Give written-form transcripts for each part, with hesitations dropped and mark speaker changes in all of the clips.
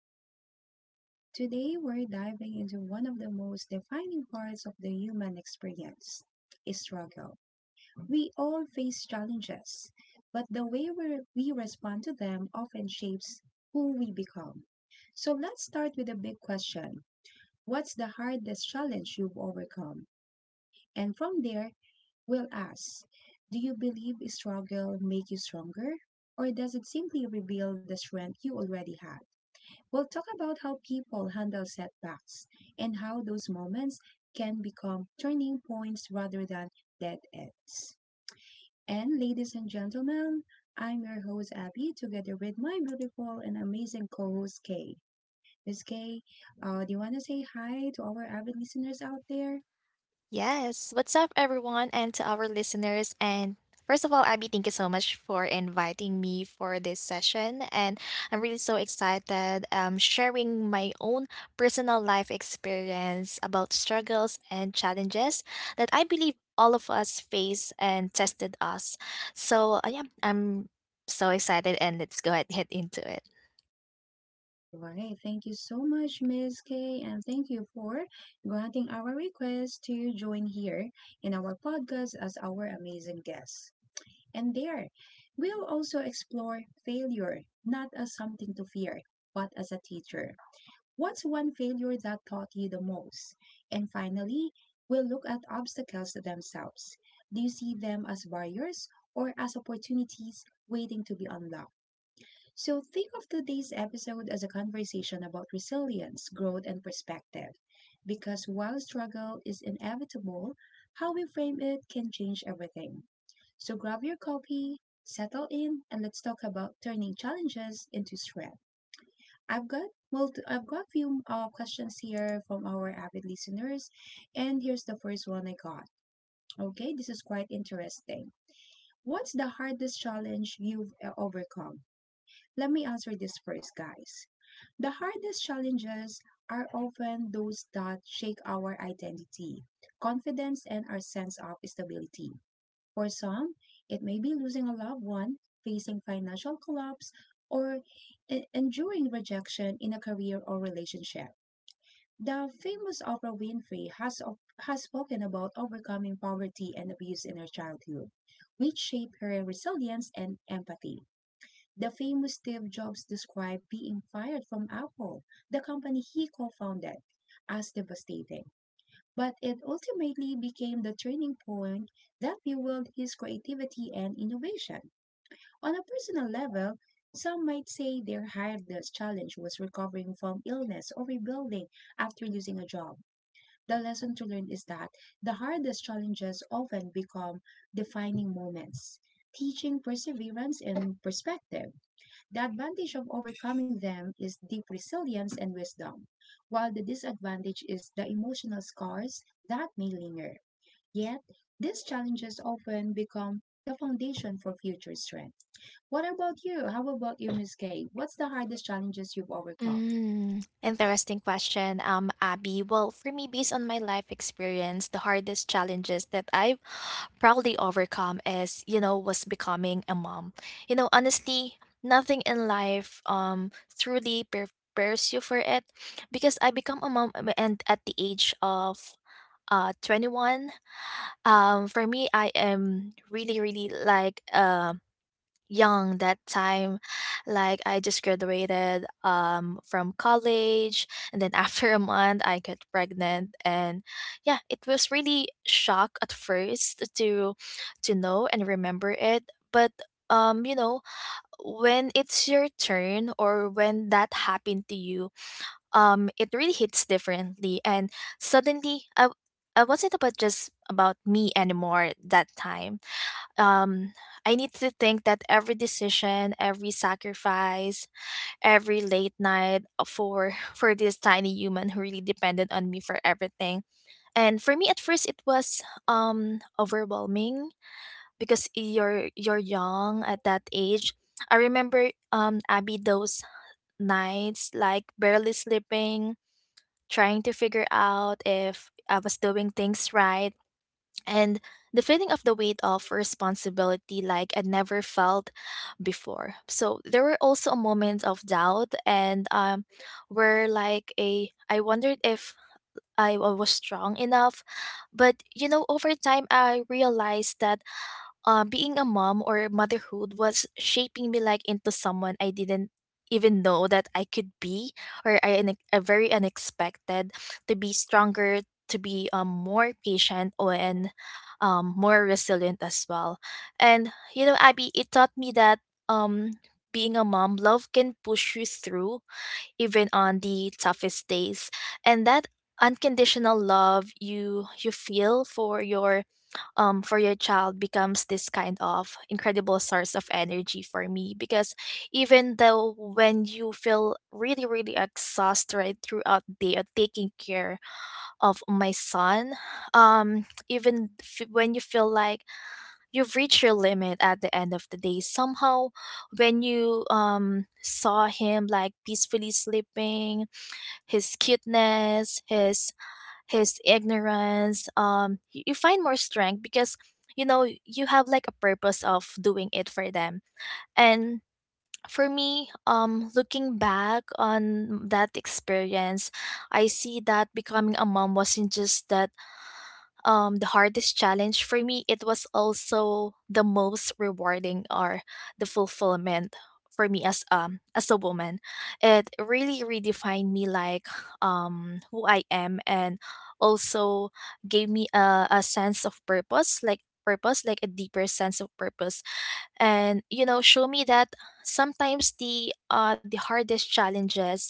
Speaker 1: back to the show. Today we're diving into one of the most defining parts of the human experience is struggle. We all face challenges, but the way we respond to them often shapes who we become. So let's start with a big question: What's the hardest challenge you've overcome? And from there, we'll ask: Do you believe struggle make you stronger? Or does it simply reveal the strength you already have? We'll talk about how people handle setbacks and how those moments can become turning points rather than dead ends. And, ladies and gentlemen, I'm your host, Abby, together with my beautiful and amazing co host, Kay. Miss Kay, do you want to say hi to our avid listeners out there?
Speaker 2: Yes. What's up, everyone, and to our listeners? And first of all, Abby, thank you so much for inviting me for this session. And I'm really so excited, sharing my own personal life experience about struggles and challenges that I believe all of us face and tested us. So, yeah, I'm so excited, and let's go ahead and head into it.
Speaker 1: All right. Thank you so much, Miss Kay, and thank you for granting our request to join here in our podcast as our amazing guest. And there, we'll also explore failure not as something to fear, but as a teacher. What's one failure that taught you the most? And finally, we'll look at obstacles themselves. Do you see them as barriers or as opportunities waiting to be unlocked? So think of today's episode as a conversation about resilience, growth, and perspective. Because while struggle is inevitable, how we frame it can change everything. So grab your copy, settle in, and let's talk about turning challenges into strength. I've got well, I've got a few questions here from our avid listeners, and here's the first one I got. Okay, this is quite interesting. What's the hardest challenge you've overcome? Let me answer this first, guys. The hardest challenges are often those that shake our identity, confidence, and our sense of stability. For some, it may be losing a loved one, facing financial collapse, or enduring rejection in a career or relationship. The famous Oprah Winfrey has spoken about overcoming poverty and abuse in her childhood, which shaped her resilience and empathy. The famous Steve Jobs described being fired from Apple, the company he co founded, as devastating. But it ultimately became the turning point that fueled his creativity and innovation. On a personal level, some might say their hardest challenge was recovering from illness or rebuilding after losing a job. The lesson to learn is that the hardest challenges often become defining moments, teaching perseverance and perspective. The advantage of overcoming them is deep resilience and wisdom, while the disadvantage is the emotional scars that may linger. Yet, these challenges often become the foundation for future strength. What about you? How about you, Miss Kay? What's the hardest challenges you've overcome?
Speaker 2: Interesting question, Abby. Well, for me, based on my life experience, the hardest challenges that I've proudly overcome is was becoming a mom. You know, honestly, nothing in life truly prepares you for it because I become a mom, and at the age of 21. For me, I am really, really like young that time, like I just graduated from college, and then after a month I got pregnant. And yeah, it was really shock at first to know and remember it. But you know, when it's your turn or when that happened to you, it really hits differently. And suddenly I wasn't about just about me anymore that time. um I need to think that every decision, every sacrifice, every late night for for this tiny human who really depended on me for everything. And for me at first it was overwhelming because you're young at that age. I remember, Abby, those nights, like barely sleeping, trying to figure out if I was doing things right, and the feeling of the weight of responsibility like I'd never felt before. So there were also moments of doubt, and where like a I wondered if was strong enough. But you know, over time I realized that, being a mom or motherhood was shaping me like into someone I didn't even know that I could be, or a very unexpected to be stronger, to be, more patient or and, more resilient as well. And you know, Abby, it taught me that, um, being a mom, love can push you through even on the toughest days. And that unconditional love you feel for your, for your child, becomes this kind of incredible source of energy for me, because even though when you feel really, really exhausted throughout the day of taking care of my son, even when you feel like you've reached your limit at the end of the day, somehow when you, saw him like peacefully sleeping, his cuteness, his ignorance. You find more strength because you know you have like a purpose of doing it for them. And for me, looking back on that experience, I see that becoming a mom wasn't just that, the hardest challenge for me. It was also the most rewarding, or the fulfillment for me as, as a woman. It really redefined me, like who I am, and also gave me a sense of purpose, like a deeper sense of purpose. And you know, show me that sometimes the hardest challenges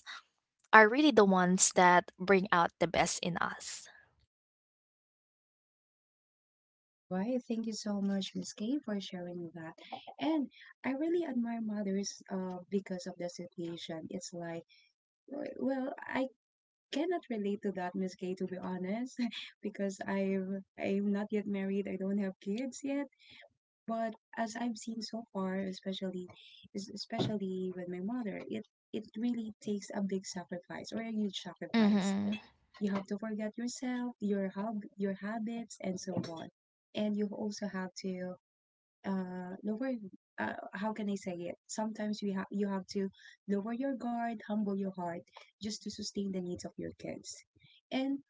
Speaker 2: are really the ones that bring out the best in us.
Speaker 1: All right, thank you so much, Miss Kay, for sharing that. And I really admire mothers because of the situation. It's like, well, I cannot relate to that, Miss Kay, to be honest, because I'm not yet married. I don't have kids yet. But as I've seen so far, especially especially with my mother, it really takes a big sacrifice or a huge sacrifice.
Speaker 2: Mm-hmm.
Speaker 1: You have to forget yourself, your habits, and so on. And you also have to lower, how can I say it? Sometimes we have you have to lower your guard, humble your heart, just to sustain the needs of your kids. And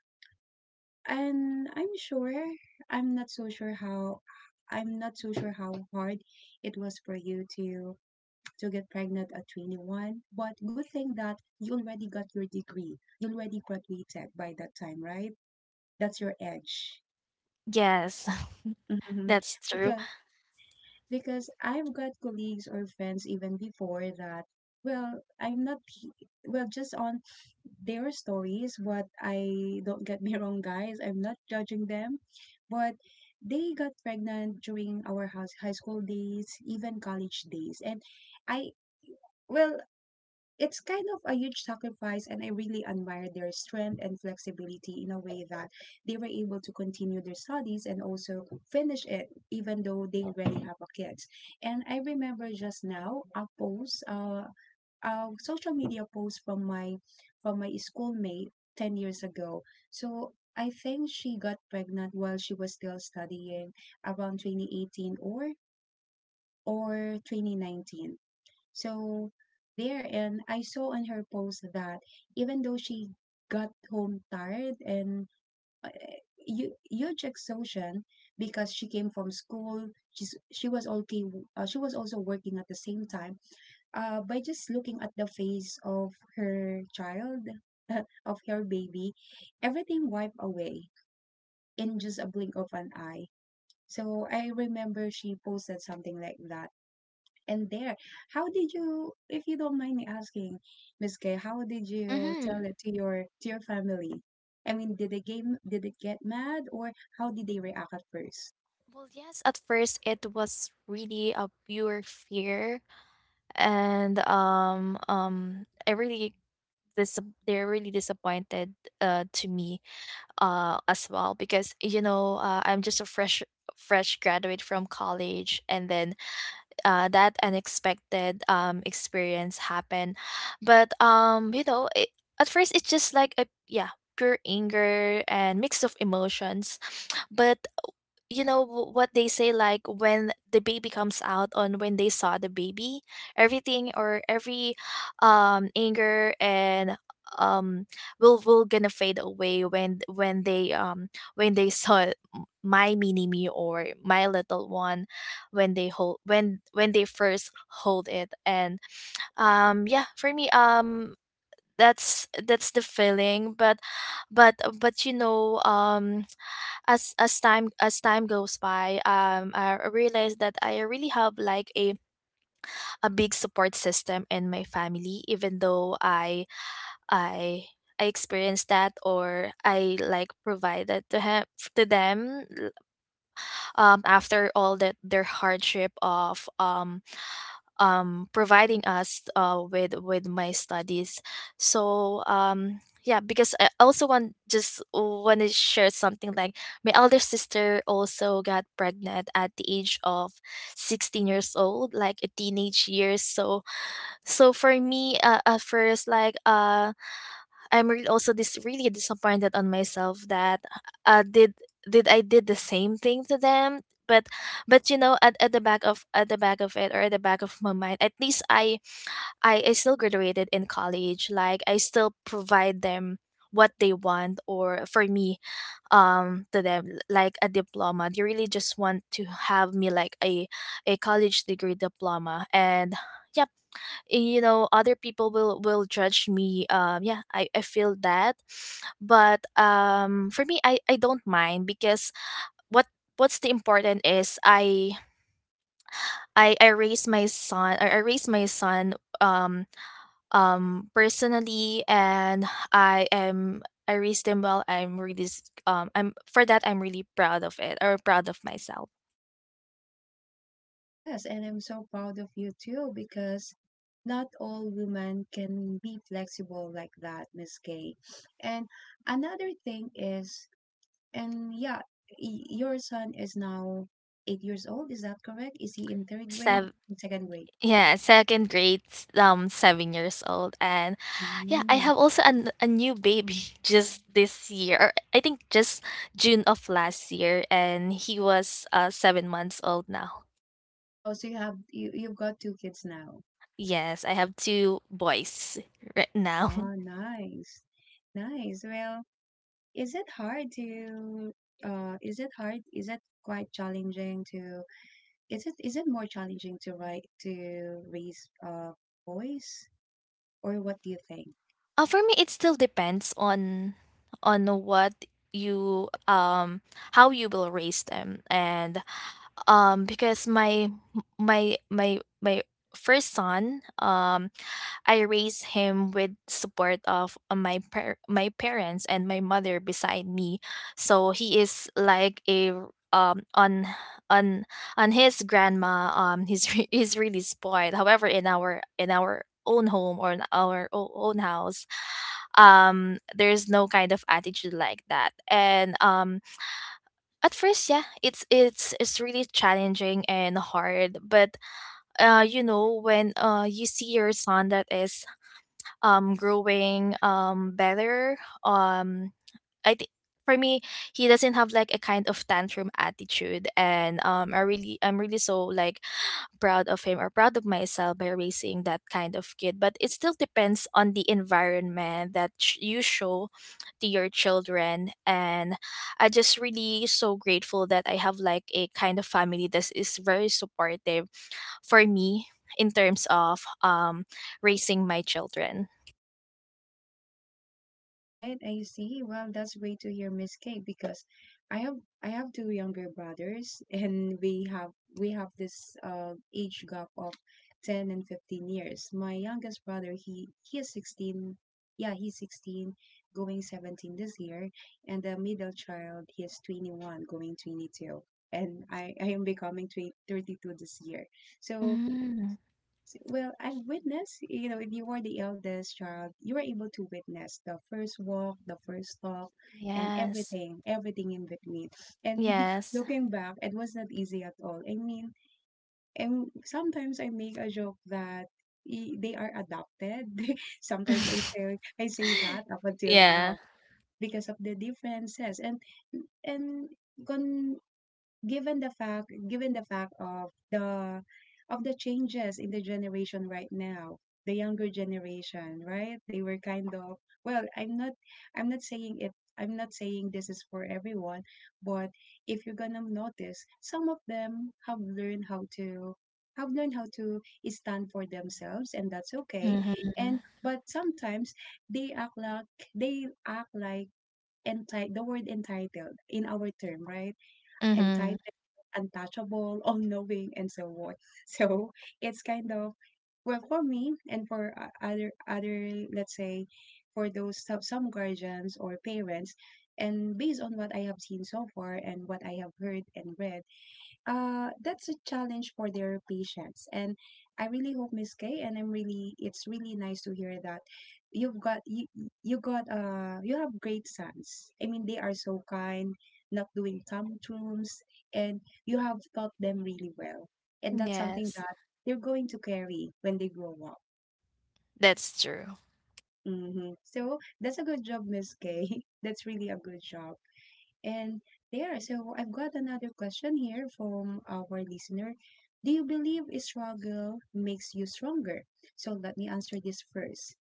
Speaker 1: and I'm sure, I'm not so sure how I'm not so sure how hard it was for you to get pregnant at 21. But good thing that you already got your degree. You already graduated by that time, right? That's your edge.
Speaker 2: Yes.
Speaker 1: Hmm.
Speaker 2: That's true.
Speaker 1: Because because I've got colleagues or friends even before that. Well, I'm not. He- Well, just on their stories, what I don't get me wrong, guys. I'm not judging them, but they got pregnant during our house high school days, even college days, and I. Well, it's kind of a huge sacrifice and I really admire their strength and flexibility in a way that they were able to continue their studies and also finish it even though they already have a kids. And I remember just now a social media post from my schoolmate 10 years ago. So I think she got pregnant while she was still studying around 2018 or 2019. So there, and I saw on her post that even though she got home tired and uh, huge exhaustion because she came from school, she was okay. She was also working at the same time. By just looking at the face of her child, of her baby, everything wiped away in just a blink of an eye. So I remember she posted something like that. And there, how did you, if you don't mind me asking, Miss Kay, how did you
Speaker 2: Hmm.
Speaker 1: tell it to your family? I mean, did the game did it get mad, or how did they react at first?
Speaker 2: Well, yes, at first it was really a pure fear, and, I really dis- they're really disappointed to me as well, because you know, I'm just a fresh graduate from college, and then that unexpected experience happened. But you know it, at first it's just like a yeah, pure anger and mix of emotions. But you know what they say, like when the baby comes out on when they saw the baby, everything, or every, anger and, um will gonna fade away when when they saw my mini me, or my little one, when they hold, when they first hold it. And yeah, for me, that's the feeling. But but you know, as time goes by, I realized that I really have like a big support system in my family, even though i I experienced that, or I like provided to him, to them, after all that their hardship of, providing us, with my studies. So, yeah, because I also want to share something like, my elder sister also got pregnant at the age of 16 years old, like a teenage years. So for me, at first like, I'm also this really disappointed on myself that, uh did did I did the same thing to them. but but you know, at, the back of, at the back of it or at the back of my mind, at least I still graduated in college, like I still provide them what they want, or for me, to them, like a diploma, they really just want to have me like a college degree diploma. And yep, you know, other people will judge me, yeah, I feel that. But for me, I don't mind, because what what's the important is, I raise my son, um personally. And i am I raised him well. I'm really I'm for that, I'm really proud of it, or proud of myself.
Speaker 1: Yes, and I'm so proud of you too because not all women can be flexible like that, Miss Kay. And another thing is, and yeah, your son is now 8 years old. Is that correct? Is he in third grade, second grade?
Speaker 2: Yeah, second grade, 7 years old, and yeah, I
Speaker 1: Mm.
Speaker 2: have also a new baby just this year, or I think just June of last year, and he was 7 months old now.
Speaker 1: Oh, so you have you you've got two kids now.
Speaker 2: Yes, I have two boys right now.
Speaker 1: Oh, nice, nice. Well, is it hard to, Is it hard? Is it quite challenging to? Is it more challenging to write to raise, boys, or what do you think?
Speaker 2: For me, it still depends on what you, how you will raise them, and because my first son, I raised him with support of, my my parents and my mother beside me. So he is like a, um on on on his grandma, he's really spoiled. However, in our own home, or in our own house, there's no kind of attitude like that. And at first, yeah, it's really challenging and hard. But you know, when you see your son that is, growing, better, um I think for me he doesn't have like a kind of tantrum attitude. And I'm really so like proud of him, or proud of myself by raising that kind of kid. But it still depends on the environment that you show to your children. And I just really so grateful that I have like a kind of family that is very supportive for me in terms of, raising my children.
Speaker 1: Right, I see. Well, that's great to hear, Miss Kay, because I have, I have two younger brothers, and we have this age gap of 10 and 15 years. My youngest brother, he is 16, yeah, he's 16, going 17 this year, and the middle child, he is 21, going 22, and I am becoming 20, 32 this year. So
Speaker 2: Mm,
Speaker 1: well, I've witnessed, you know, if you were the eldest child, you were able to witness the first walk, the first talk, and
Speaker 2: yes.
Speaker 1: everything, everything in between. And
Speaker 2: Yes.
Speaker 1: looking back, it was not easy at all. I mean, and sometimes I make a joke that they are adopted. Sometimes I tell, I say that up until
Speaker 2: Yeah.
Speaker 1: now because of the differences. And con given the fact, of the changes in the generation right now, the younger generation, right, they were kind of, well i'm not saying it I'm not saying this is for everyone, but if you're gonna notice, some of them have learned how to, have learned how to stand for themselves, and that's okay.
Speaker 2: Mhm.
Speaker 1: And but sometimes they act like, they act like the word entitled in our term, right?
Speaker 2: Mhm.
Speaker 1: Entitled, untouchable, all knowing, and so on. So it's kind of, well, for me and for other, let's say for those some, guardians or parents. And based on what I have seen so far and what I have heard and read, that's a challenge for their patients. And I really hope, Miss Kay, and I'm really, it's really nice to hear that you've got you, you got you have great sons. I mean, they are so kind, not doing tantrums, and you have taught them really well. And that's something
Speaker 2: Yes.
Speaker 1: that they're going to carry when they grow up.
Speaker 2: That's true.
Speaker 1: Mm-hmm. So that's a good job, Miss Kay. That's really a good job. And there, so I've got another question here from our listener. Do you believe a struggle makes you stronger? So let me answer this first: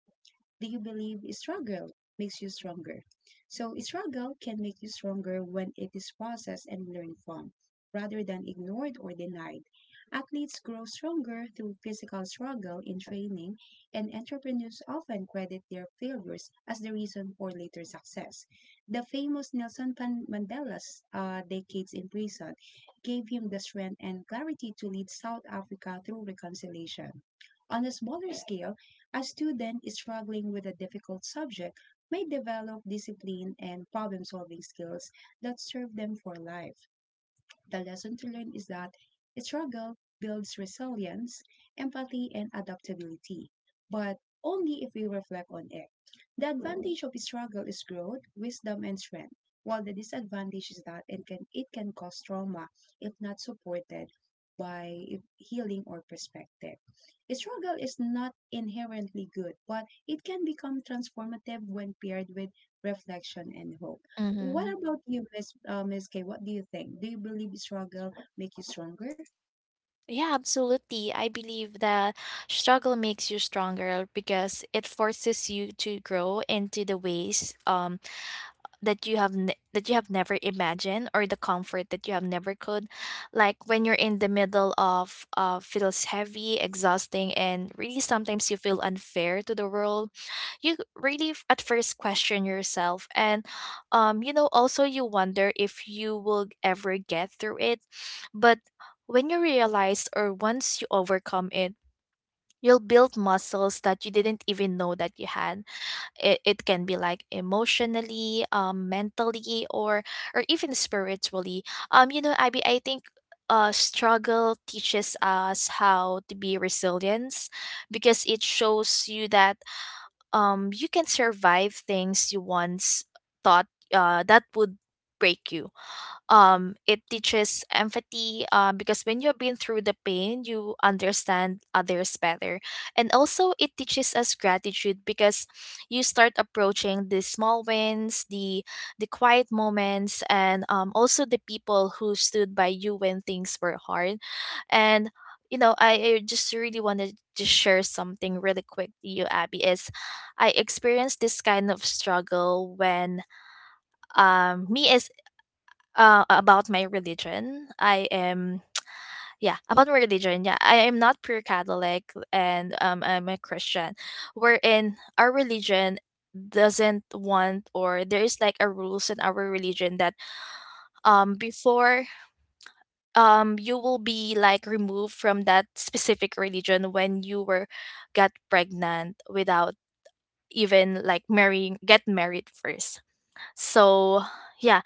Speaker 1: do you believe struggle makes you stronger? So, struggle can make you stronger when it is processed and learned from, rather than ignored or denied. Athletes grow stronger through physical struggle in training, and entrepreneurs often credit their failures as the reason for later success. The famous Nelson Mandela's decades in prison gave him the strength and clarity to lead South Africa through reconciliation. On a smaller scale, a student is struggling with a difficult subject may develop discipline and problem solving skills that serve them for life. The lesson to learn is that struggle builds resilience, empathy, and adaptability, but only if we reflect on it. The advantage of struggle is growth, wisdom, and strength, while the disadvantage is that it can cause trauma if not supported by healing or perspective. Struggle is not inherently good, but it can become transformative when paired with reflection and hope. What
Speaker 2: Mhm.
Speaker 1: about you, Miss K? What do you think? Do you believe struggle make you stronger,
Speaker 2: Yeah, absolutely. I believe that struggle makes you stronger, because it forces you to grow into the ways, that you have that you have never imagined, or the comfort that you have never could. Like when you're in the middle of, feels heavy, exhausting, and really sometimes you feel unfair to the world, you really at first question yourself. And you know, also you wonder if you will ever get through it. But when you realize, or once you overcome it, you'll build muscles that you didn't even know that you had. It can be like emotionally, mentally, or even spiritually. You know, Abby, I think, struggle teaches us how to be resilient, because it shows you that, you can survive things you once thought, that would break you. It teaches empathy, because when you've been through the pain, you understand others better. And also, it teaches us gratitude, because you start approaching the small wins, the quiet moments, and, also the people who stood by you when things were hard. And you know, I just really want to just share something really quick to you, Abby. Is, I experienced this kind of struggle when, me as, about my religion. I am, yeah, about my religion. Yeah, I am not pure Catholic, and, I'm a Christian. Wherein our religion doesn't want, or there is like a rules in our religion that before you will be like removed from that specific religion when you were got pregnant without even like marrying get married first. So yeah,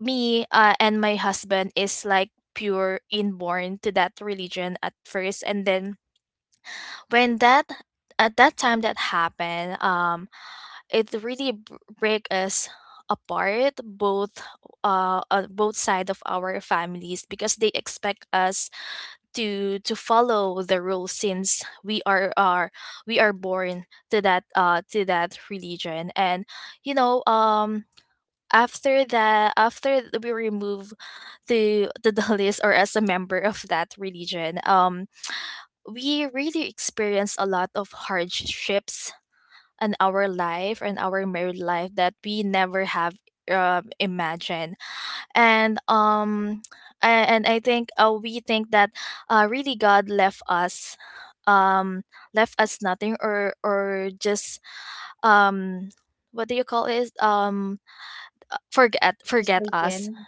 Speaker 2: me and my husband is like pure inborn to that religion at first. And then when that at that time that happened, it really break us apart. Both on both side of our families, because they expect us to follow the rules since we are we are born to that religion. And you know um after that, after we remove to the Dalits or as a member of that religion, we really experience a lot of hardships in our life and our married life that we never have imagined. And um, and I think we think that really God left us, um left us nothing. Or just, um what do you call it, forget
Speaker 1: or
Speaker 2: forget us.
Speaker 1: shaken?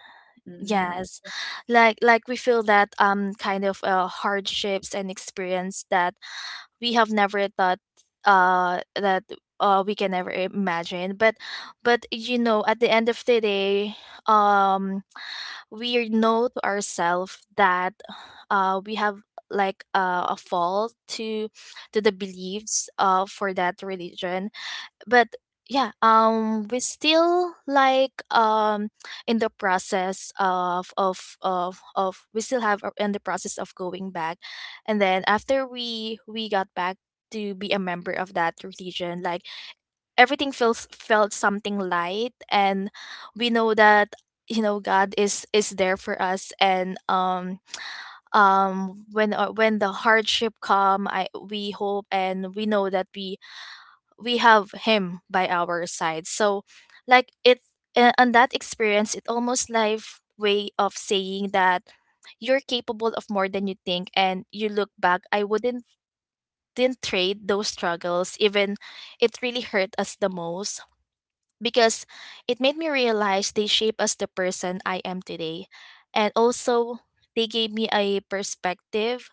Speaker 1: Mm.
Speaker 2: Yes. Like we feel that kind of hardships and experience that we have never thought, that we can never imagine. But you know, at the end of the day, um we know to ourselves that we have like a fall to the beliefs for that religion. But yeah, we still like, in the process of we still have are in the process of going back. And then after we got back to be a member of that religion, like everything feels felt something light. And we know that, you know, God is there for us. And when the hardship come, I we hope and we know that we have him by our side. So like it, on that experience, it almost life way of saying that you're capable of more than you think. And you look back, I wouldn't didn't trade those struggles, even it really hurt us the most, because it made me realize they shape us the person I am today. And also, they gave me a perspective,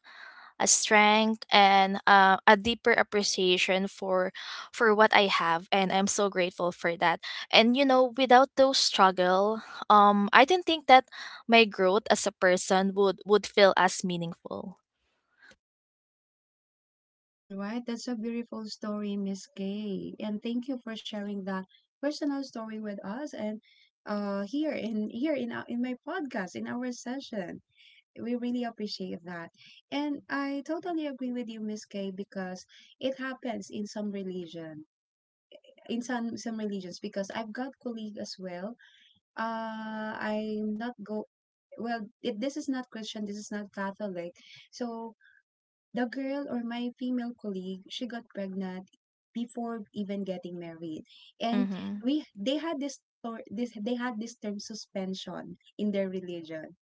Speaker 2: a strength, and a deeper appreciation for what I have, and I'm so grateful for that. And you know, without those struggle, I didn't think that my growth as a person would feel as meaningful.
Speaker 1: All right, that's a beautiful story, Miss K, and thank you for sharing that personal story with us, and, here in, in my podcast, in our session. We really appreciate that, and I totally agree with you, Miss K, because it happens in some religion, in some religions. Because I've got colleague as well. I'm not go Well, it this is not Christian, this is not Catholic. So the girl, or my female colleague, she got pregnant before even getting married, and
Speaker 2: Mhm.
Speaker 1: we they had this or this they had this term suspension in their religion.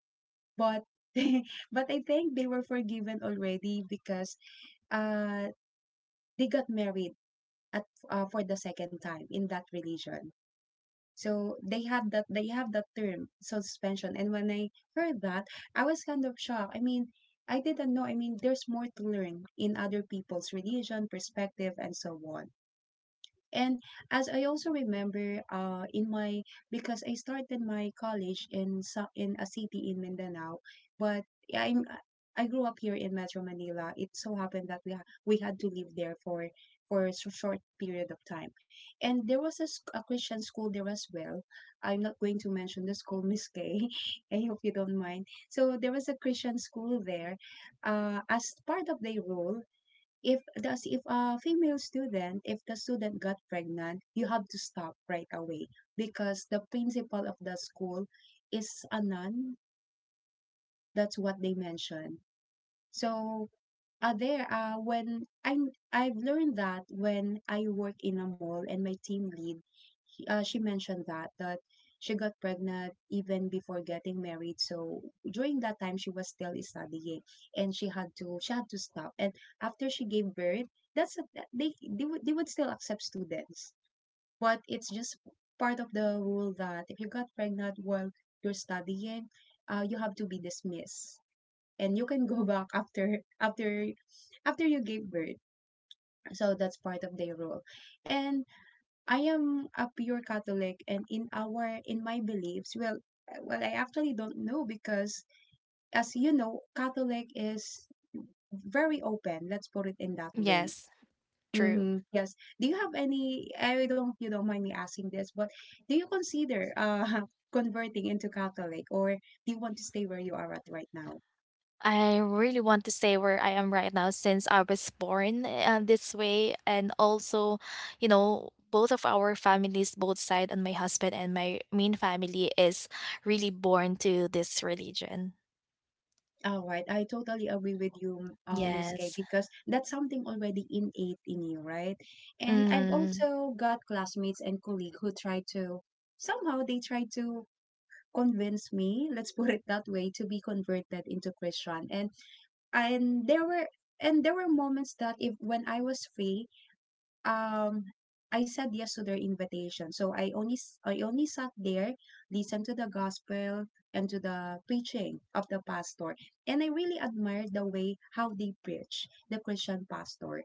Speaker 1: But but I think they were forgiven already because uh they got married at, for the second time in that religion. So they have that term suspension. And when I heard that, I was kind of shocked. I mean, I didn't know. I mean, there's more to learn in other people's religion, perspective, and so on. And as I also remember, in my, because I started my college in in a city in Mindanao, but yeah, I grew up here in Metro Manila. It so happened that we we had to live there for a short period of time, and there was a, a Christian school there as well. I'm not going to mention the school, Miss Kay. I hope you don't mind. So there was a Christian school there. As part of their role, if a female student if the student got pregnant, you have to stop right away, because the principal of the school is a nun. That's what they mentioned. So when I've learned that when I work in a mall and my team lead, she mentioned that she got pregnant even before getting married. So during that time, she was still studying, and she had to stop. And after she gave birth, they they would still accept students, but it's just part of the rule that if you got pregnant while you're studying, you have to be dismissed, and you can go back after you gave birth. So that's part of their role. And I am a pure Catholic, and in our in my beliefs, well, I actually don't know, because as you know, Catholic is very open, let's put it in that way.
Speaker 2: Yes, true.
Speaker 1: Mm-hmm, yes. Do you have any, I don't, you don't mind me asking this, but do you consider, converting into Catholic, or do you want to stay where you are at right now?
Speaker 2: I really want to stay where I am right now, since I was born this way. And also, you know, both of our families, both side, and my husband and my main family is really born to this religion.
Speaker 1: All right, I totally agree with you, Miss Kay,
Speaker 2: Yes.
Speaker 1: because that's something already innate in you, right? And I've
Speaker 2: Mm,
Speaker 1: also got classmates and colleagues who try to somehow they try to convince me, let's put it that way, to be converted into Christian. And there were moments that if when I was free, um I said yes to their invitation. So I only sat there, listened to the gospel and to the preaching of the pastor. And I really admired the way how they preach, the Christian pastor.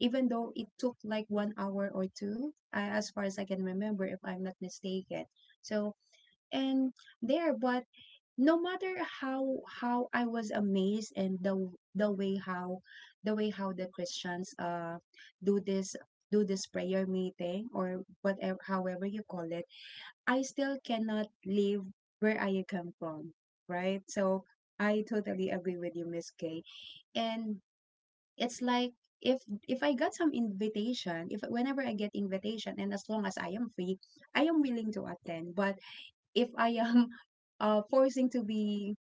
Speaker 1: Even though it took like 1 hour or two, as far as I can remember, if I'm not mistaken. So and there, but no matter how I was amazed, and the way how the way how the Christians do this do this prayer meeting or whatever, however you call it, I still cannot leave where I come from, right? So I totally agree with you, Miss Kay. And it's like, if I got some invitation, if whenever I get invitation and as long as I am free, I am willing to attend. But if I am forcing to be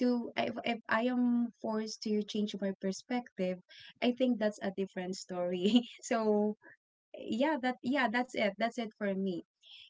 Speaker 1: to if I am forced to change my perspective, I think that's a different story. So yeah, that's it. That's it for me.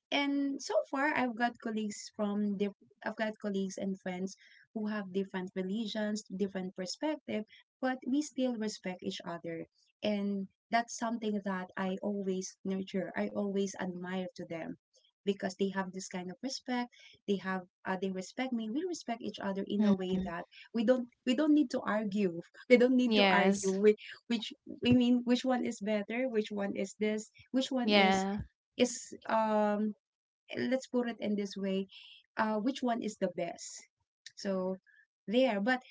Speaker 1: And so far, I've got I've got colleagues and friends who have different religions, different perspective, but we still respect each other. And that's something that I always nurture. I always admire to them because they have this kind of respect. They have they respect me. We respect each other in a
Speaker 2: mm,
Speaker 1: way that we don't need to argue. We don't need to
Speaker 2: yes.
Speaker 1: argue with which we mean which one is better, which one is this, which one is
Speaker 2: Yeah.
Speaker 1: is um let's put it in this way, which one is the best. So there but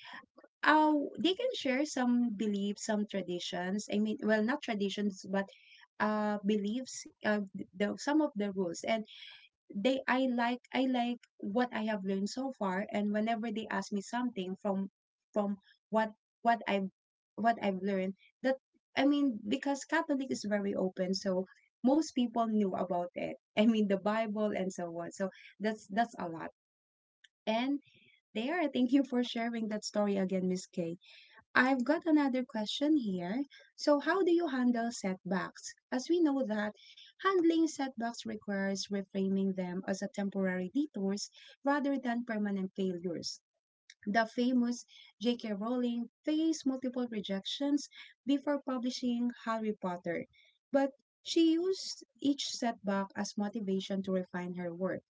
Speaker 1: uh, they can share some beliefs, some traditions, I mean, well, not traditions, but beliefs, some of the rules. And they, I like what I have learned so far, and whenever they ask me something from from what what I've what I've learned, that I mean, because Catholic is very open, so most people knew about it. I mean, the Bible and so on. So that's a lot. And there thank you for sharing that story again, Miss Kay. I've got another question here. So, how do you handle setbacks? As we know that handling setbacks requires reframing them as a temporary detours rather than permanent failures. The famous J.K. Rowling faced multiple rejections before publishing Harry Potter, but she used each setback as motivation to refine her work.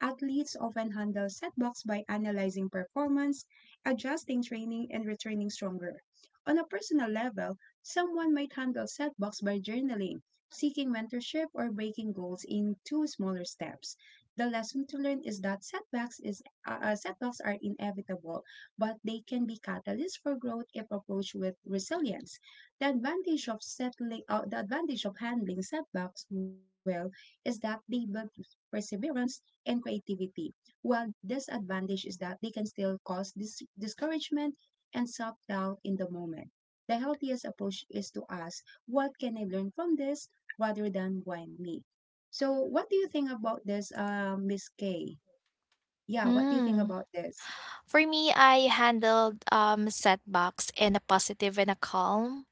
Speaker 1: Athletes often handle setbacks by analyzing performance, adjusting training, and returning stronger. On a personal level, someone might handle setbacks by journaling, seeking mentorship, or breaking goals into smaller steps. The lesson to learn is that setbacks are inevitable, but they can be catalysts for growth if approached with resilience. The advantage of handling setbacks well is that they build perseverance and creativity, while disadvantage is that they can still cause discouragement and self-doubt in the moment. The healthiest approach is to ask, what can I learn from this rather than why me? So, what do you think about this, Miss Kay? Yeah, what do you think
Speaker 2: Mm.
Speaker 1: about this?
Speaker 2: For me, I handled setbacks in a positive and a calm.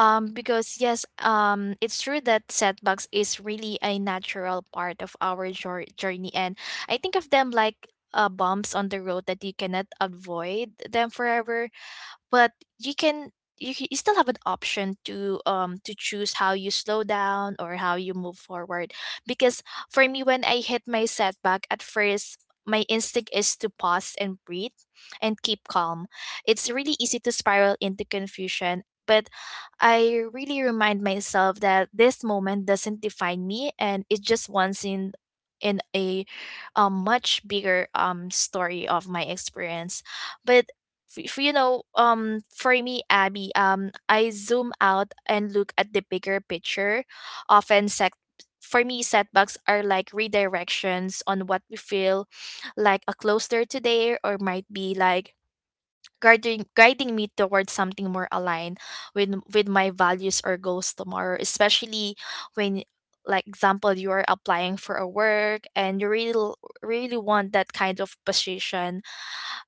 Speaker 2: Because yes, it's true that setbacks is really a natural part of our journey. And I think of them like bumps on the road that you cannot avoid them forever. But you can, you still have an option to choose how you slow down or how you move forward. Because for me, when I hit my setback at first, my instinct is to pause and breathe and keep calm. It's really easy to spiral into confusion, but I really remind myself that this moment doesn't define me, and it's just once in in a, a much bigger story of my experience. But you know, for me Abby, I zoom out and look at the bigger picture. Often set For me, setbacks are like redirections on what we feel like a closer today, or might be like guiding me towards something more aligned with my values or goals tomorrow. Especially when, like example, you are applying for a work and you really want that kind of position,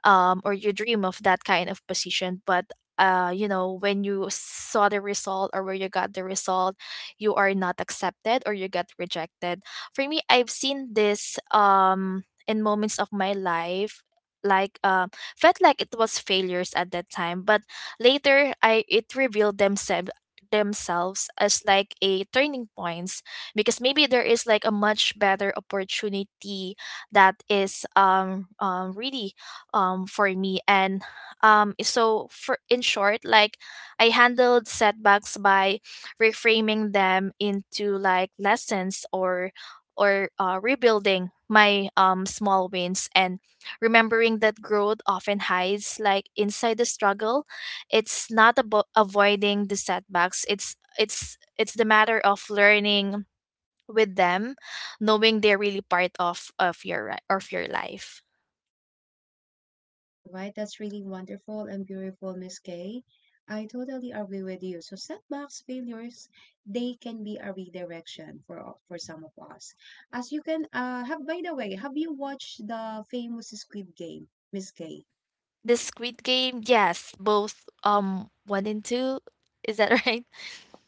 Speaker 2: or you dream of that kind of position. But you know, when you saw the result or where you got the result, you are not accepted, or you got rejected. For me, I've seen this in moments of my life, like felt like it was failures at that time. But later, I it revealed themselves as like a turning points, because maybe there is like a much better opportunity that is really for me. And so for in short, like I handled setbacks by reframing them into like lessons, or rebuilding my small wins, and remembering that growth often hides like inside the struggle. It's not about avoiding the setbacks, it's the matter of learning with them, knowing they're really part of your of your life.
Speaker 1: All right, that's really wonderful and beautiful, Miss Kay. I totally agree with you. So setbacks, failures, they can be a redirection for some of us. As you can have by the way, Have you watched the famous Squid Game, Miss Kay?
Speaker 2: The Squid Game, yes, both one and two. Is that right?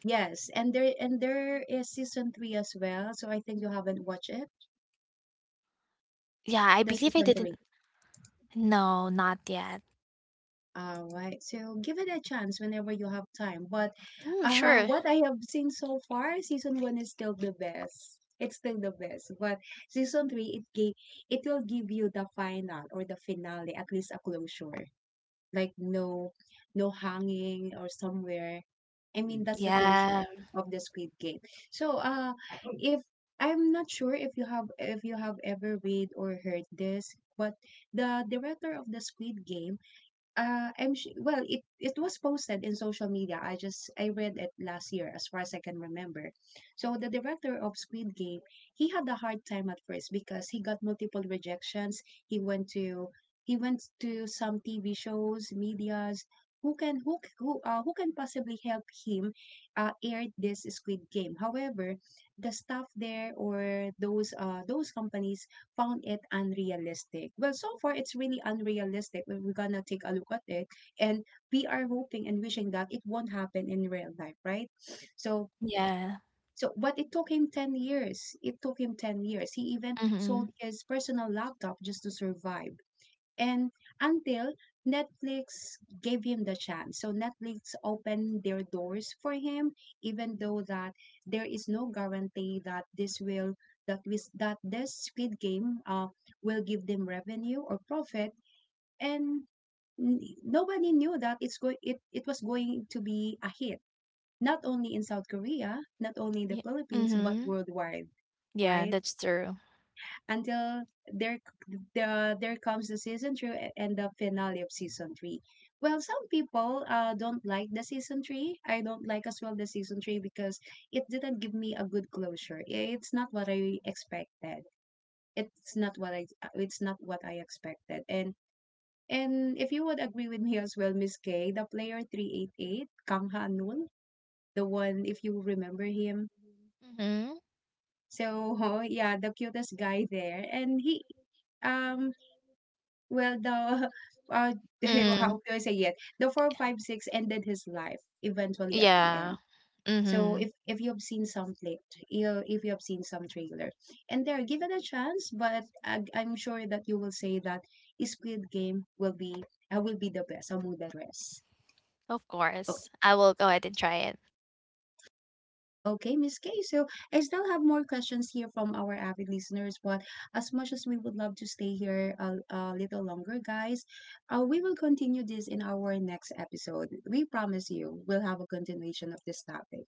Speaker 1: Yes, and there is season three as well. So I think you haven't watched it,
Speaker 2: Yeah, I
Speaker 1: the
Speaker 2: believe I
Speaker 1: season
Speaker 2: didn't.
Speaker 1: three.
Speaker 2: No, not yet.
Speaker 1: All right, so give it a chance whenever you have time. But
Speaker 2: Mm, sure.
Speaker 1: what I have seen so far, season one is still the best. It's still the best. But season three, it will give you the final or the finale, at least a closure. Like no, no hanging or somewhere. I mean, that's the
Speaker 2: Yeah,
Speaker 1: closure of the Squid Game. So, if I'm not sure if you have, ever read or heard this, but the director of the Squid Game, I'm sh- well. it was posted in social media. I read it last year, as far as I can remember. So the director of Squid Game, he had a hard time at first because he got multiple rejections. He went to some TV shows, medias. Who can who c- who Who can possibly help him air this Squid Game? However, the staff there or those companies found it unrealistic. Well, so far it's really unrealistic. But we're gonna take a look at it, and we are hoping and wishing that it won't happen in real life, right? So,
Speaker 2: yeah.
Speaker 1: but it took him 10 years. It took him 10 years. He even
Speaker 2: Mm-hmm.
Speaker 1: sold his personal laptop just to survive, and until Netflix gave him the chance. So Netflix opened their doors for him, even though that there is no guarantee that this will that with that this Squid Game will give them revenue or profit, and nobody knew that it was going to be a hit, not only in South Korea, not only in the
Speaker 2: Yeah.
Speaker 1: Philippines, but
Speaker 2: Mm-hmm.
Speaker 1: worldwide,
Speaker 2: Yeah,
Speaker 1: right?
Speaker 2: that's true.
Speaker 1: Until there comes the season two and the finale of season three. Well, some people don't like the season three. I don't like as well the season three, because it didn't give me a good closure. It's not what I expected. It's not what I expected. And if you would agree with me as well, Miss K, the player 388 Kang Hanun, the one, if you remember him.
Speaker 2: Mm-hmm.
Speaker 1: So yeah, the cutest guy there, and he um well, the uh, how
Speaker 2: Mm.
Speaker 1: do I say it? The four, five, six ended his life eventually at the
Speaker 2: Yeah.
Speaker 1: end. So
Speaker 2: Mm-hmm.
Speaker 1: if you've seen some clip, you if you have seen some trailer, and they're given a chance, but I'm sure that you will say that Squid Game will be the best among the rest.
Speaker 2: Of
Speaker 1: Oh,
Speaker 2: course. I will go ahead and try it.
Speaker 1: okay, Miss Kay. So I still have more questions here from our avid listeners, but as much as we would love to stay here a little longer, guys, we will continue this in our next episode. We promise you we'll have a continuation of this topic.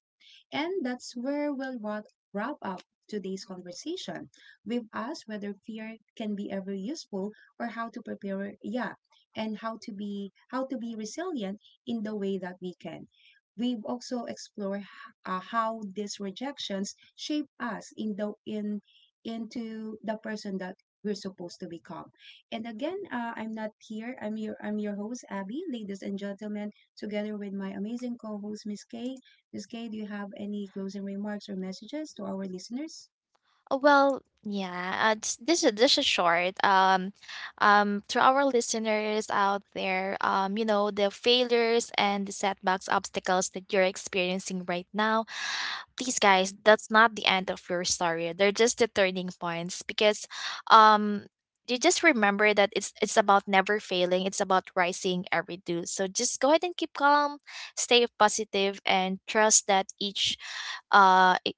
Speaker 1: And that's where we'll wrap up today's conversation. We've asked whether fear can be ever useful, or how to prepare, yeah, and how to be resilient in the way that we can. We've also explored how these rejections shape us in the in into the person that we're supposed to become. And again, I'm not here. I'm your host Abby, ladies and gentlemen, together with my amazing co-host Miss Kay. Ms. Kay, do you have any closing remarks or messages to our listeners?
Speaker 2: Well, yeah, just- this is short. To our listeners out there, you know the failures and the setbacks, obstacles that you're experiencing right now. Please, guys, that's not the end of your story. They're just the turning points because, um, you just remember that it's about never failing. It's about rising every day. So just go ahead and keep calm, stay positive, and trust that each uh e,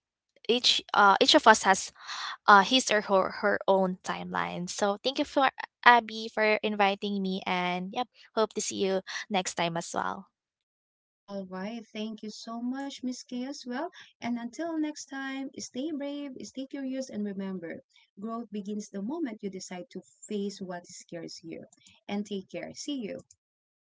Speaker 2: each of us has her own timeline. So thank you for Abby for inviting me, and yep, hope to see you next time as well.
Speaker 1: All right. Thank you so much, Miss Kay, as well. And until next time, stay brave, stay curious, and remember, growth begins the moment you decide to face what scares you. And take care. See you.